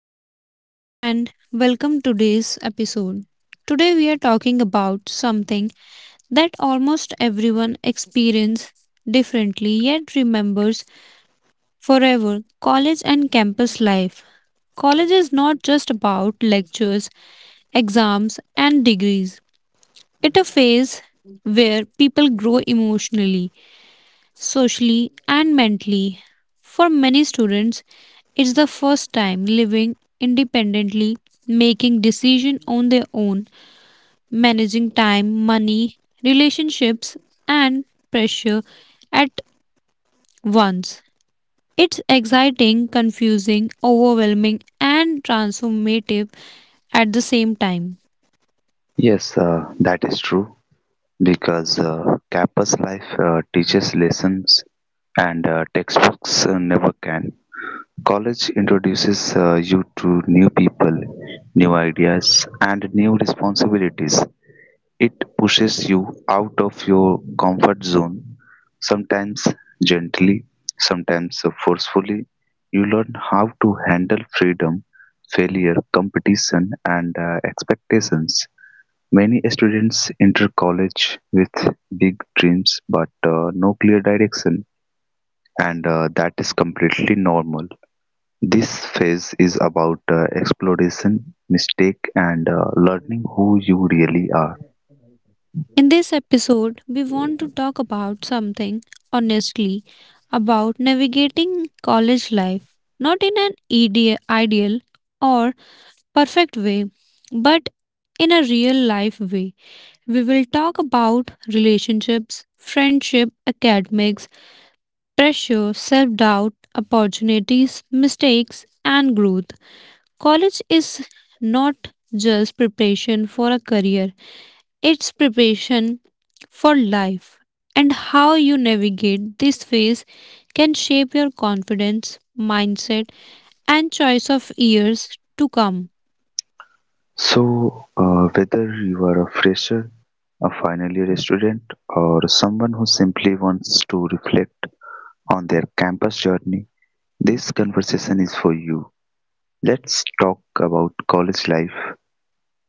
everyone and welcome to today's episode. Today we are talking about something that almost everyone experiences differently yet remembers forever, college and campus life. College is not just about lectures, exams and degrees. It's a phase where people grow emotionally socially, and mentally. For many students, it's the first time living independently, making decisions on their own, managing time, money, relationships, and pressure at once. It's exciting, confusing, overwhelming, and transformative at the same time. Yes, that is true because campus life teaches lessons and textbooks never can. College introduces you to new people, new ideas, and new responsibilities. It pushes you out of your comfort zone, sometimes gently, sometimes forcefully. You learn how to handle freedom, failure, competition, and expectations. Many students enter college with big dreams but no clear direction, and that is completely normal. This phase is about exploration, mistake, and learning who you really are. In this episode, we want to talk about something honestly about navigating college life, not in an ideal or perfect way, but in a real life way. We will talk about relationships, friendship, academics, pressure, self doubt, opportunities, mistakes, and growth. College is not just preparation for a career, it's preparation for life, and how you navigate this phase can shape your confidence, mindset, and choice of years to come. So, whether you are a fresher, a final year student, or someone who simply wants to reflect on their campus journey, this conversation is for you. Let's talk about college life,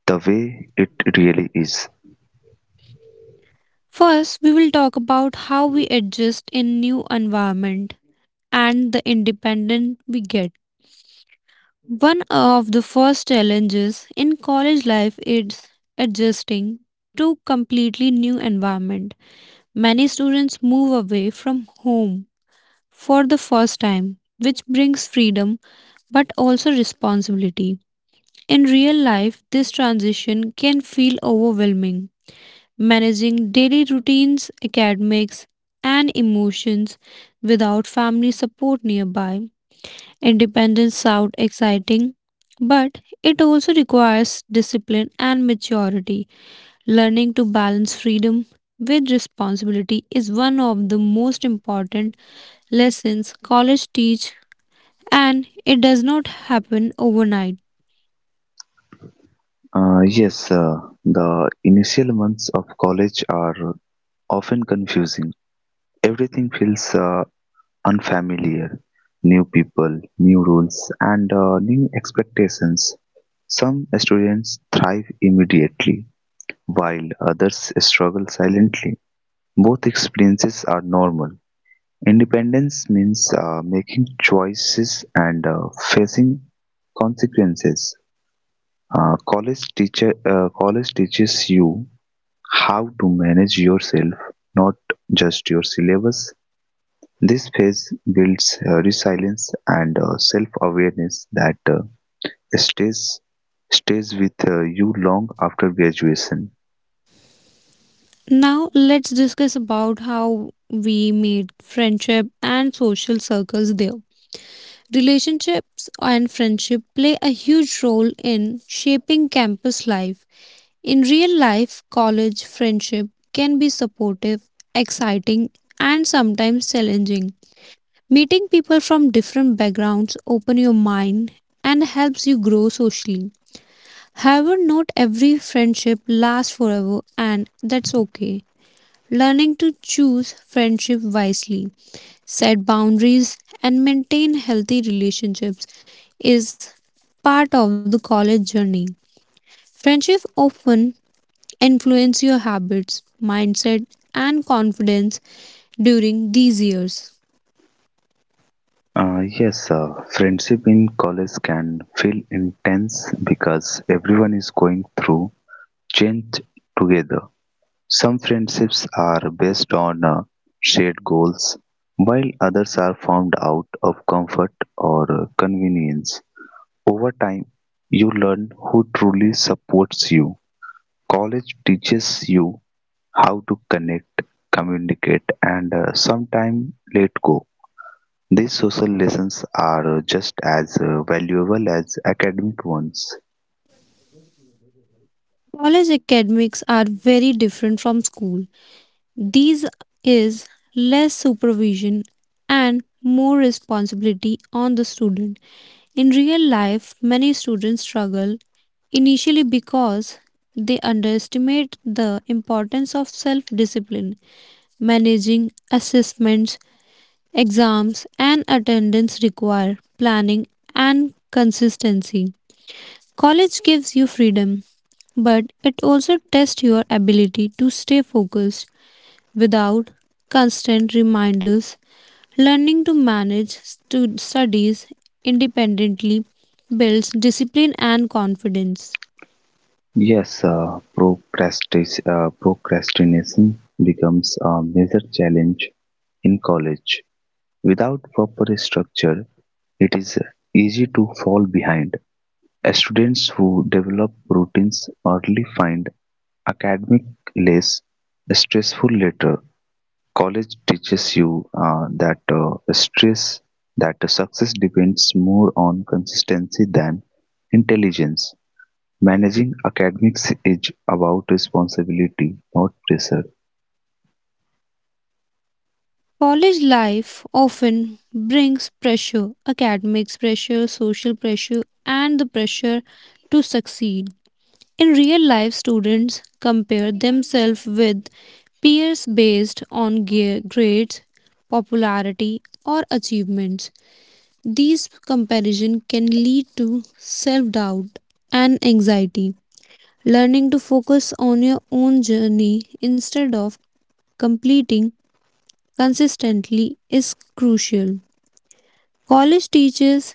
the way it really is. First, we will talk about how we adjust in new environment and the independence we get. One of the first challenges in college life is adjusting to completely new environment. Many students move away from home for the first time, which brings freedom but also responsibility. In real life, this transition can feel overwhelming. Managing daily routines, academics, and emotions without family support nearby. Independence sounds exciting, but it also requires discipline and maturity. Learning to balance freedom with responsibility is one of the most important lessons college teach and it does not happen overnight. Yes, the initial months of college are often confusing. Everything feels unfamiliar. New people, new rules, and new expectations. Some students thrive immediately, while others struggle silently. Both experiences are normal. Independence means making choices and facing consequences. College teaches you how to manage yourself, not just your syllabus. This phase builds resilience and self-awareness that stays stays with you long after graduation. Now let's discuss about how we made friendship and social circles there. Relationships and friendship play a huge role in shaping campus life. In real life, college friendship can be supportive, exciting, and sometimes challenging. Meeting people from different backgrounds open your mind and helps you grow socially. However, not every friendship lasts forever, and that's okay. Learning to choose friendship wisely, set boundaries, and maintain healthy relationships is part of the college journey. Friendships often influence your habits, mindset, and confidence during these years. Yes, Friendship in college can feel intense because everyone is going through change together. Some friendships are based on shared goals, while others are formed out of comfort or convenience. Over time, you learn who truly supports you. College teaches you how to connect, communicate, and sometimes let go. These social lessons are just as valuable as academic ones. College academics are very different from school. These is less supervision and more responsibility on the student. In real life, many students struggle initially because they underestimate the importance of self discipline. Managing assessments, exams, and attendance require planning and consistency. College gives you freedom, but it also tests your ability to stay focused without constant reminders. Learning to manage studies independently builds discipline and confidence. Yes, procrastination becomes a major challenge in college. Without proper structure, it is easy to fall behind. Students who develop routines early find academic less stressful later. College teaches you that success depends more on consistency than intelligence. Managing academics is about responsibility, not pressure. College life often brings pressure, academics pressure, social pressure, and the pressure to succeed. In real life, students compare themselves with peers based on grades, popularity, or achievements. These comparison can lead to self-doubt and anxiety. Learning to focus on your own journey instead of completing consistently is crucial. College teaches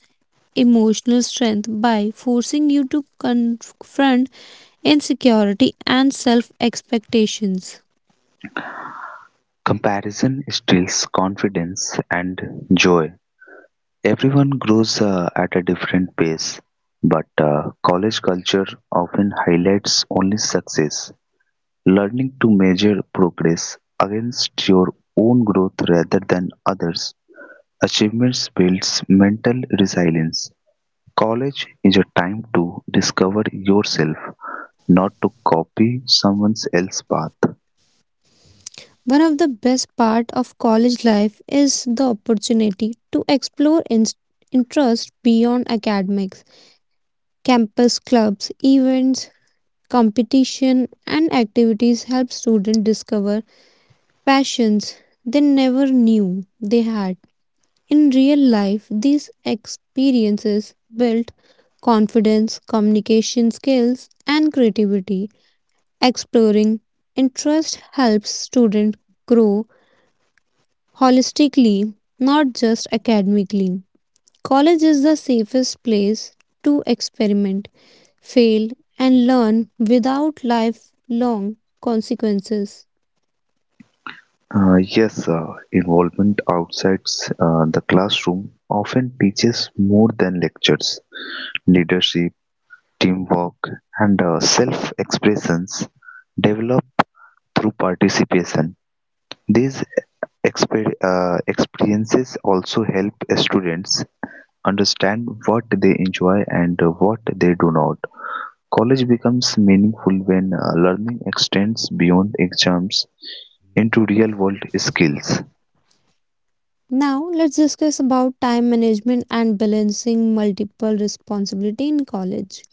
emotional strength by forcing you to confront insecurity and self expectations. Comparison steals confidence and joy. Everyone grows at a different pace, but college culture often highlights only success. Learning to measure progress against your own growth rather than others' achievements builds mental resilience. College is a time to discover yourself, not to copy someone else's path. One of the best part of college life is the opportunity to explore interests beyond academics. Campus clubs, events, competition and activities help students discover passions they never knew they had. In real life, these experiences build confidence, communication skills and creativity. Exploring interest helps students grow holistically, not just academically. College is the safest place to experiment fail, and learn without lifelong consequences. Yes, involvement outside the classroom often teaches more than lectures. Leadership, teamwork, and self expressions develop through participation. These experiences also help students understand what they enjoy and what they do not. College becomes meaningful when learning extends beyond exams into real world skills. Now, let's discuss about time management and balancing multiple responsibility in college.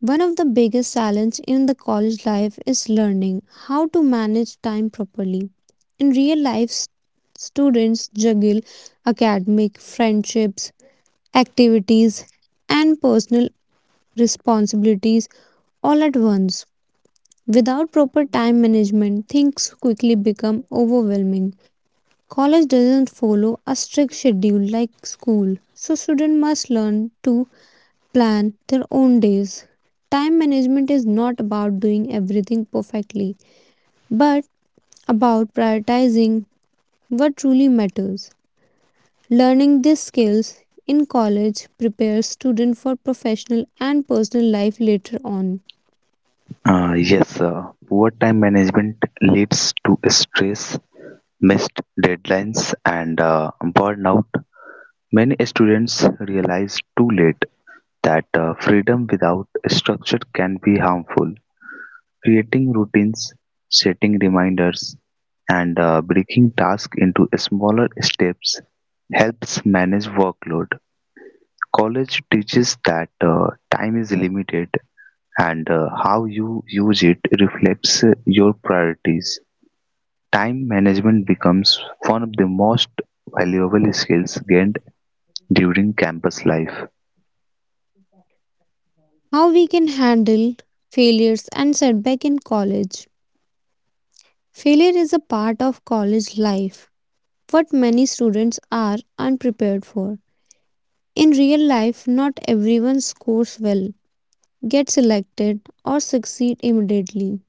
One of the biggest challenges in the college life is learning how to manage time properly. In real life, students juggle academic, friendships, activities, and personal responsibilities all at once. Without proper time management, things quickly become overwhelming. College doesn't follow a strict schedule like school, so students must learn to plan their own days. Time management is not about doing everything perfectly, but about prioritizing what truly matters. Learning these skills in college prepares students for professional and personal life later on. Yes, poor time management leads to stress, missed deadlines, and burnout. Many students realize too late that freedom without structure can be harmful. Creating routines, setting reminders, and breaking tasks into smaller steps helps manage workload. College teaches that time is limited and how you use it reflects your priorities. Time management becomes one of the most valuable skills gained during campus life. How we can handle failures and setback in college Failure is a part of college life, what many students are unprepared for. In real life, not everyone scores well, gets selected, or succeed immediately.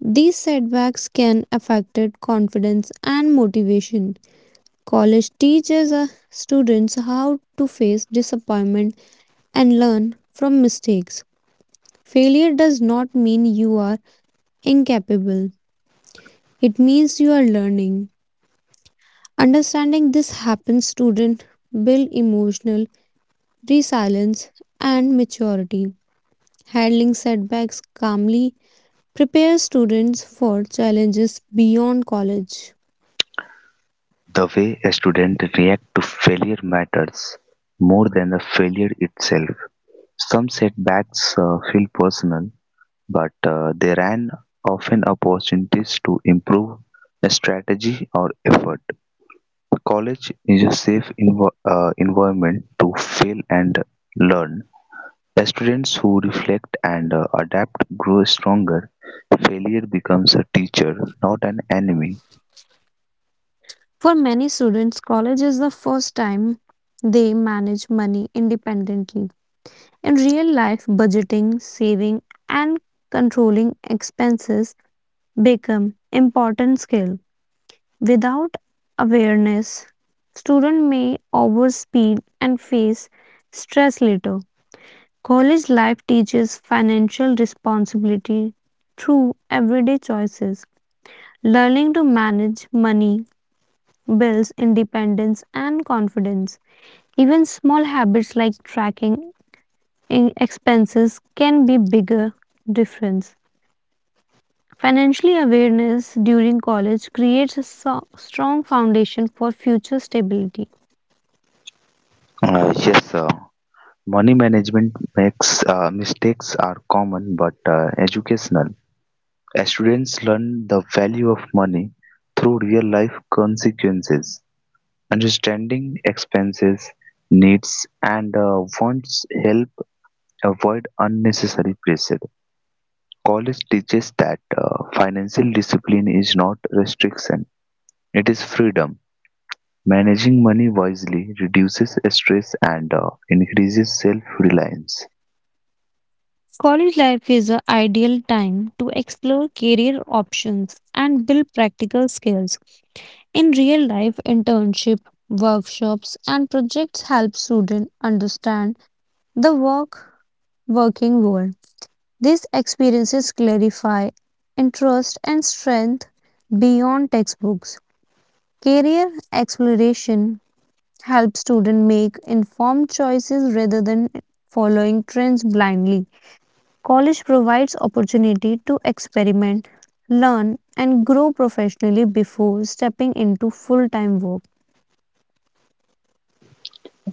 These setbacks can affect confidence and motivation. College teaches students how to face disappointment and learn from mistakes. Failure does not mean you are incapable. It means you are learning. Understanding this happens student build emotional resilience and maturity. Handling setbacks calmly prepares students for challenges beyond college. The way a student reacts to failure matters more than the failure itself. Some setbacks feel personal, but they ran often opportunities to improve a strategy or effort. College is a safe environment to fail and learn. Students who reflect and adapt grow stronger. Failure becomes a teacher, not an enemy. For many students, college is the first time they manage money independently. In real life, budgeting, saving and controlling expenses become important skills. Without awareness, student may overspend and face stress later. College life teaches financial responsibility through everyday choices. Learning to manage money builds independence and confidence. Even small habits like tracking expenses can be bigger difference. Financially awareness during college creates a strong foundation for future stability. Yes, money management makes mistakes are common but educational. Students learn the value of money through real life consequences. Understanding expenses, needs, and wants help avoid unnecessary pressure. College teaches that financial discipline is not restriction, it is freedom; managing money wisely reduces stress and increases self-reliance. College life is an ideal time to explore career options and build practical skills. In real life, internship, workshops, and projects help students understand the work working world. These experiences clarify interest and strength beyond textbooks. Career exploration helps students make informed choices rather than following trends blindly. College provides opportunity to experiment, learn and grow professionally before stepping into full-time work.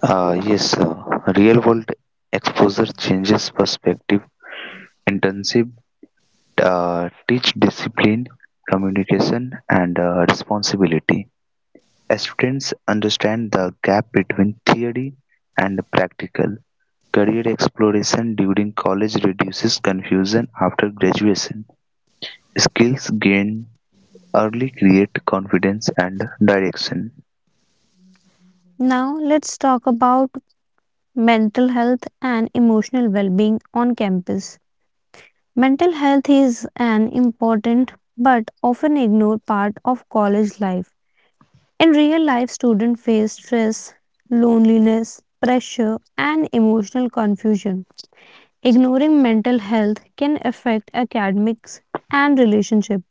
Yes, real-world exposure changes perspective. Internship teach discipline, communication, and responsibility. Students understand the gap between theory and practical. Career exploration during college reduces confusion after graduation. Skills gained early create confidence and direction. Now let's talk about mental health and emotional well-being on campus. Mental health is an important but often ignored part of college life. In real life, students face stress, loneliness, pressure and emotional confusion. Ignoring mental health can affect academics and relationship.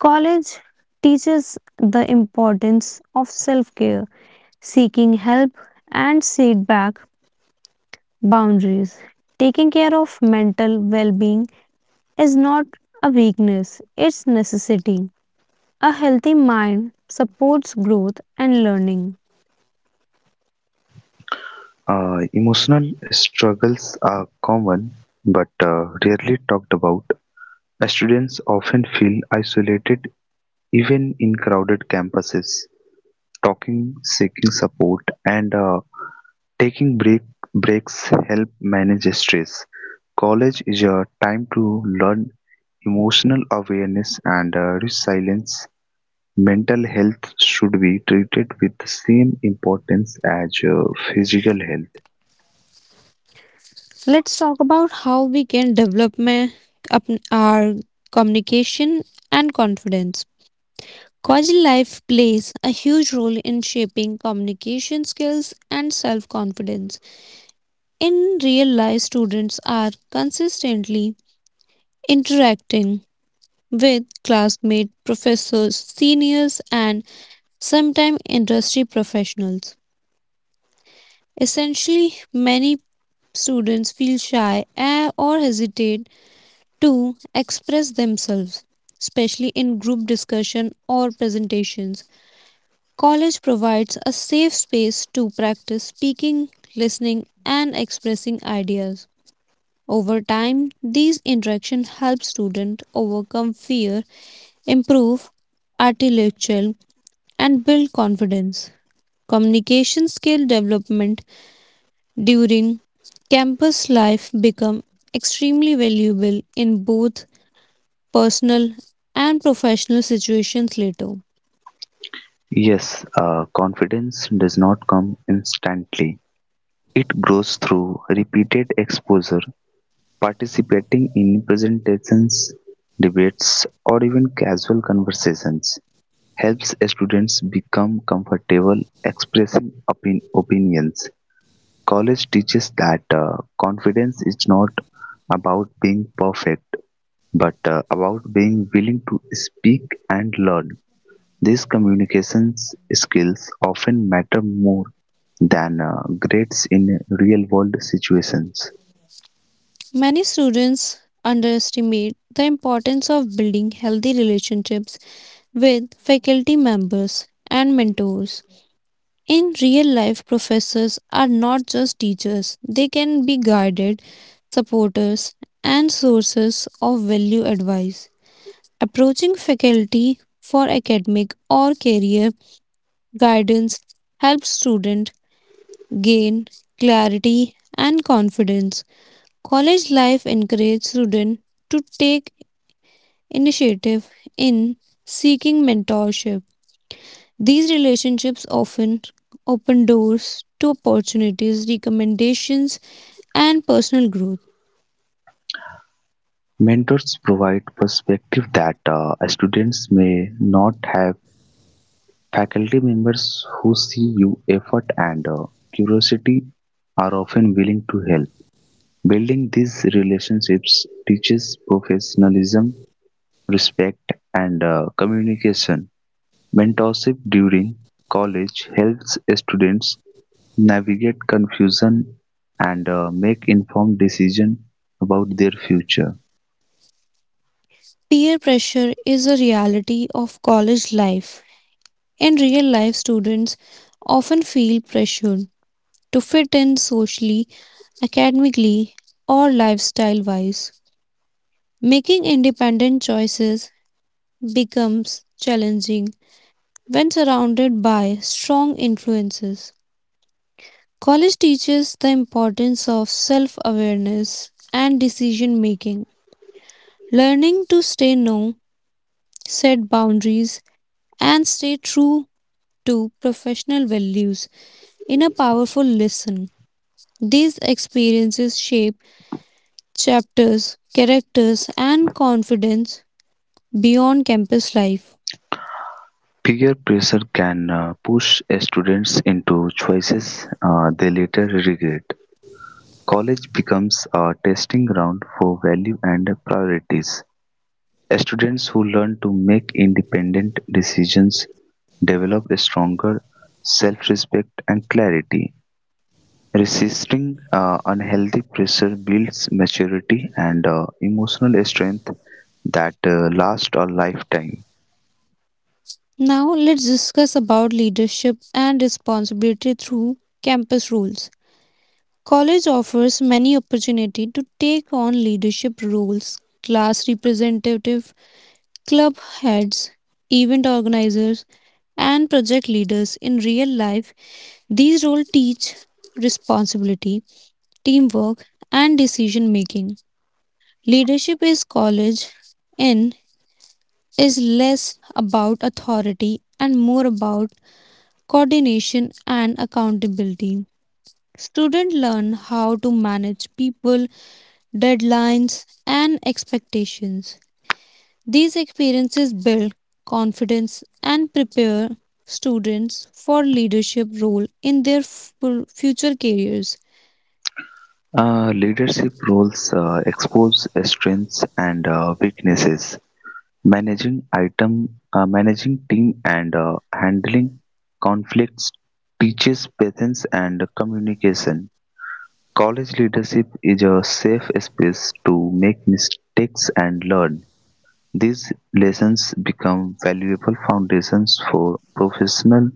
College teaches the importance of self care, seeking help, and set back boundaries. Taking care of mental well being is not a weakness, it's necessity. A healthy mind supports growth and learning. Emotional struggles are common but rarely talked about. Students often feel isolated even in crowded campuses. Talking, seeking support, and taking break, breaks help manage stress. College is a time to learn emotional awareness and resilience. Mental health should be treated with the same importance as physical health. Let's talk about how we can develop up- our communication and confidence. College life plays a huge role in shaping communication skills and self confidence. In real life, students are consistently interacting with classmates, professors, seniors, and sometimes industry professionals. Essentially, many students feel shy or hesitate to express themselves, especially in group discussion or presentations. College provides a safe space to practice speaking, listening, and expressing ideas. Over time, these interactions help students overcome fear, improve intellectual, and build confidence. Communication skill development during campus life become extremely valuable in both personal and professional situations later. Yes, confidence does not come instantly. It grows through repeated exposure, participating in presentations, debates, or even casual conversations helps students become comfortable opinions. College teaches that confidence is not about being perfect but about being willing to speak and learn. These communications skills often matter more than grades in real world situations. Many students underestimate the importance of building healthy relationships with faculty members and mentors. In real life, professors are not just teachers, they can be guided, supporters, and sources of value advice. Approaching faculty for academic or career guidance helps students gain clarity and confidence. College life encourages students to take initiative in seeking mentorship These relationships often open doors to opportunities, recommendations, and personal growth. Mentors provide perspective that students may not have. Faculty members who see your effort and curiosity are often willing to help. Building these relationships teaches professionalism, respect, and communication. Mentorship during college helps students navigate confusion and make informed decisions about their future. Peer pressure is a reality of college life. In real life, students often feel pressured to fit in socially, academically, or lifestyle wise. Making independent choices becomes challenging when surrounded by strong influences. College teaches the importance of self awareness and decision making, learning to say no, set boundaries, and stay true to professional values in a powerful lesson. These experiences shape chapters, characters, and confidence beyond campus life. Peer pressure can push students into choices they later regret. College becomes a testing ground for value and priorities. Students who learn to make independent decisions develop a stronger self respect and clarity. Resisting unhealthy pressure builds maturity and emotional strength that last a lifetime. Now, let's discuss about leadership and responsibility through campus rules. College offers many opportunity to take on leadership roles, class representative, club heads, event organizers, and project leaders in real life. These roles teach responsibility, teamwork, and decision making. Leadership is college in is less about authority and more about coordination and accountability. Students learn how to manage people deadlines, and expectations. These experiences build confidence and prepare students for leadership role in their future careers. Leadership roles expose strengths and weaknesses. Managing team, and handling conflicts teaches patience and communication. College leadership is a safe space to make mistakes and learn. These lessons become valuable foundations for professional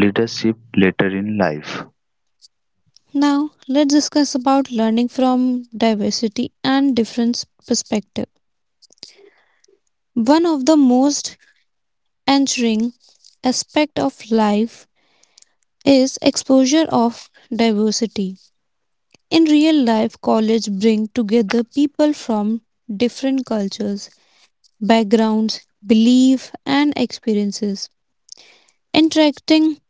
leadership later in life. Now, let's discuss about learning from diversity and different perspective. One of the most ensuring aspect of life is exposure of diversity. In real life, college bring together people from different cultures, backgrounds, beliefs, and experiences. Interacting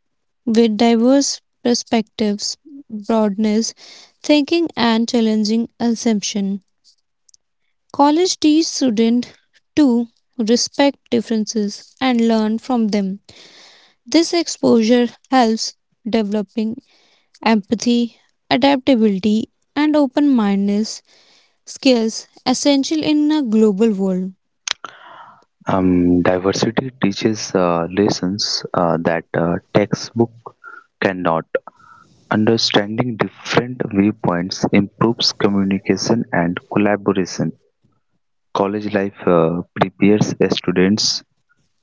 with diverse perspectives broadens thinking and challenging assumption. College teach students to respect differences and learn from them. This exposure helps developing empathy, adaptability, and open-mindedness skills essential in a global world. Diversity teaches lessons that a textbook cannot. Understanding different viewpoints improves communication and collaboration. College life prepares students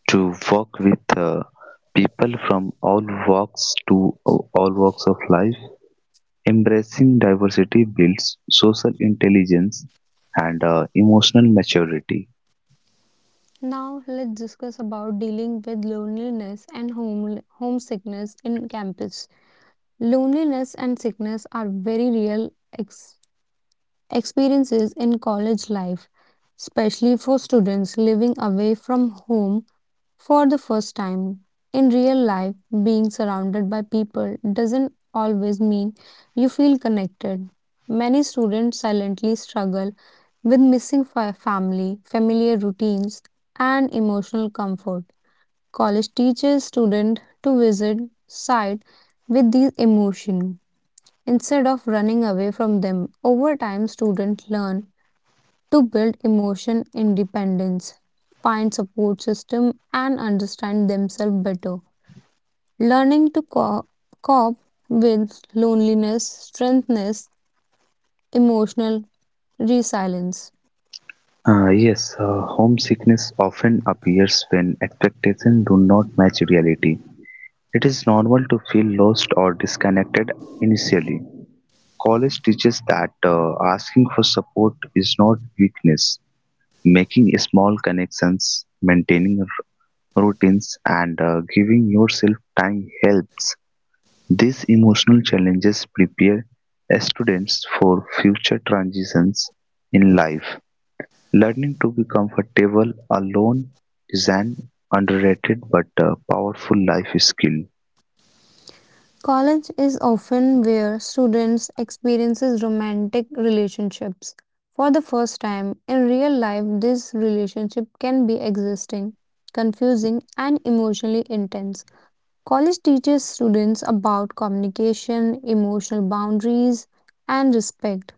to work with people from all walks of life. Embracing diversity builds social intelligence and emotional maturity. Now let's discuss about dealing with loneliness and homesickness in campus. Loneliness and sickness are very real ex- experiences in college life, especially for students living away from home for the first time in real life, being surrounded by people doesn't always mean you feel connected. Many students silently struggle with missing family, familiar routines, and emotional comfort. College teaches students to visit side with these emotions instead of running away from them. Over time, students learn to build emotion independence, find support system and understand themselves better. Learning to cope with loneliness strengthens emotional resilience. Yes, homesickness often appears when expectations do not match reality. It is normal to feel lost or disconnected initially. College teaches that asking for support is not weakness. Making small connections, maintaining routines, and giving yourself time helps. These emotional challenges prepare students for future transitions in life. Learning to be comfortable alone is an underrated but powerful life skill. College is often where students experiences romantic relationships for the first time. In real life, this relationship can be existing, confusing and emotionally intense. College teaches students about communication, emotional boundaries, and respect.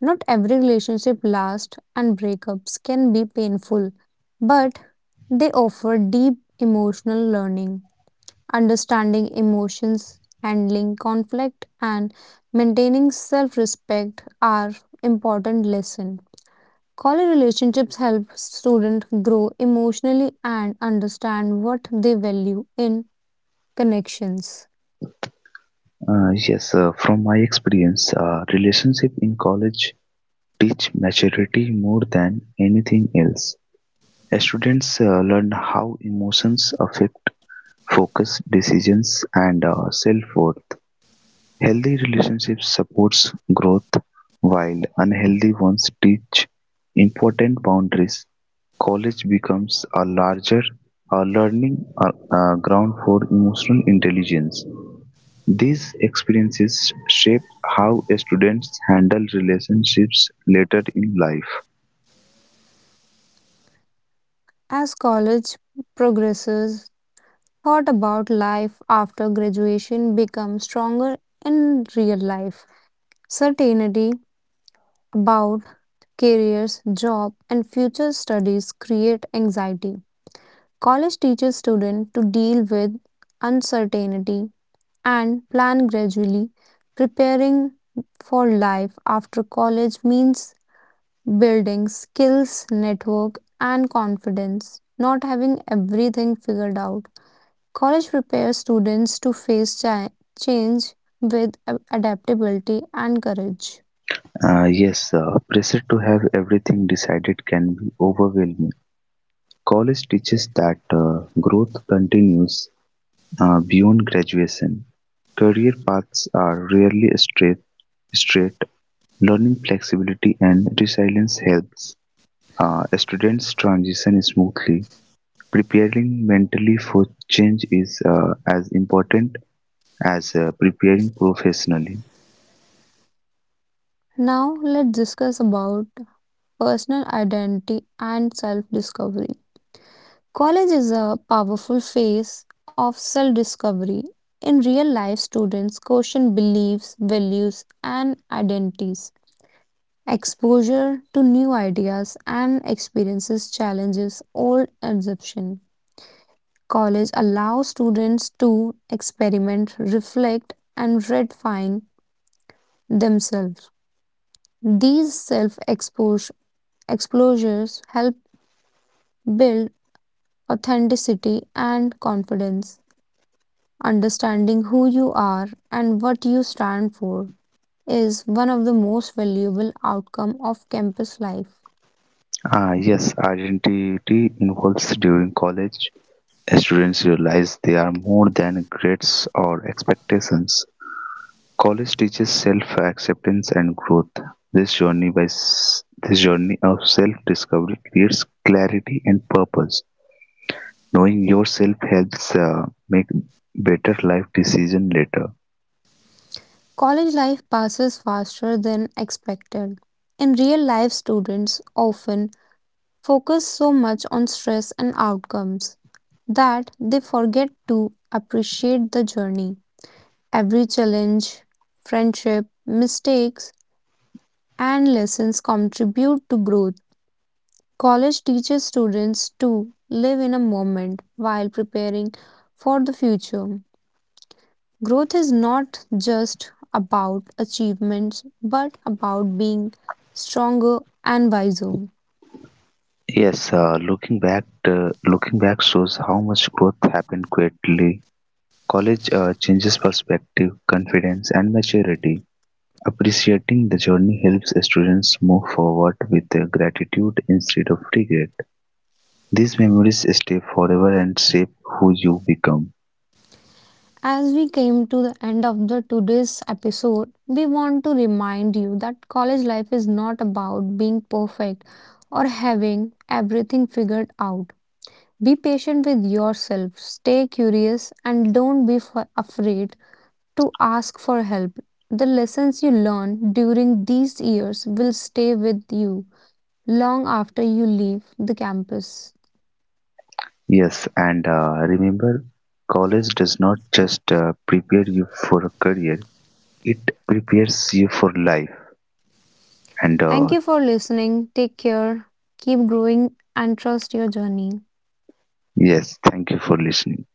Not every relationship lasts, and breakups can be painful, but they offer deep emotional learning, understanding emotions, handling conflict, and maintaining self respect are important lessons. College relationships help students grow emotionally and understand what they value in connections. Yes, from my experience, relationship in college teach maturity more than anything else. Students learn how emotions affect focus, decisions, and self-worth. Healthy relationships supports growth, while unhealthy ones teach important boundaries. College becomes a learning uh, ground for emotional intelligence. These experiences shape how students handle relationships later in life. As college progresses, thought about life after graduation becomes stronger in real life. Certainty about careers, job, and future studies create anxiety. College teaches students to deal with uncertainty and plan gradually. Preparing for life after college means building skills, network, and confidence, not having everything figured out College prepares students to face change with adaptability and courage. Yes, pressure to have everything decided can be overwhelming. College teaches that growth continues. Beyond graduation, career paths are rarely straight. Learning flexibility and resilience helps students transition smoothly. Preparing mentally for change is as important as preparing professionally. Now, let's discuss about personal identity and self discovery. College is a powerful phase of self discovery. In real life, students question beliefs, values, and identities. Exposure to new ideas and experiences challenges old assumptions. College allows students to experiment, reflect, and redefine themselves. These self exposures help build authenticity and confidence. Understanding who you are and what you stand for is one of the most valuable outcomes of campus life. Yes, identity involves during college. Students realize they are more than grades or expectations. College teaches self-acceptance and growth. This journey of self-discovery creates clarity and purpose. Knowing yourself helps make better life decision later. College life passes faster than expected. In real life, students often focus so much on stress and outcomes that they forget to appreciate the journey. Every challenge, friendship, mistakes, and lessons contribute to growth. College teaches students to live in a moment while preparing for the future. Growth is not just about achievements but about being stronger and wiser. Yes, looking back shows how much growth happened quickly. College changes perspective, confidence, and maturity. Appreciating the journey helps students move forward with gratitude instead of regret. These memories stay forever and shape who you become. As we came to the end of the today's episode, we want to remind you that college life is not about being perfect or having everything figured out. Be patient with yourself, stay curious, and don't be afraid to ask for help. The lessons you learn during these years will stay with you long after you leave the campus. Yes, and remember, college does not just prepare you for a career, it prepares you for life. And Thank you for listening. Take care, keep growing, and trust your journey. Yes, thank you for listening.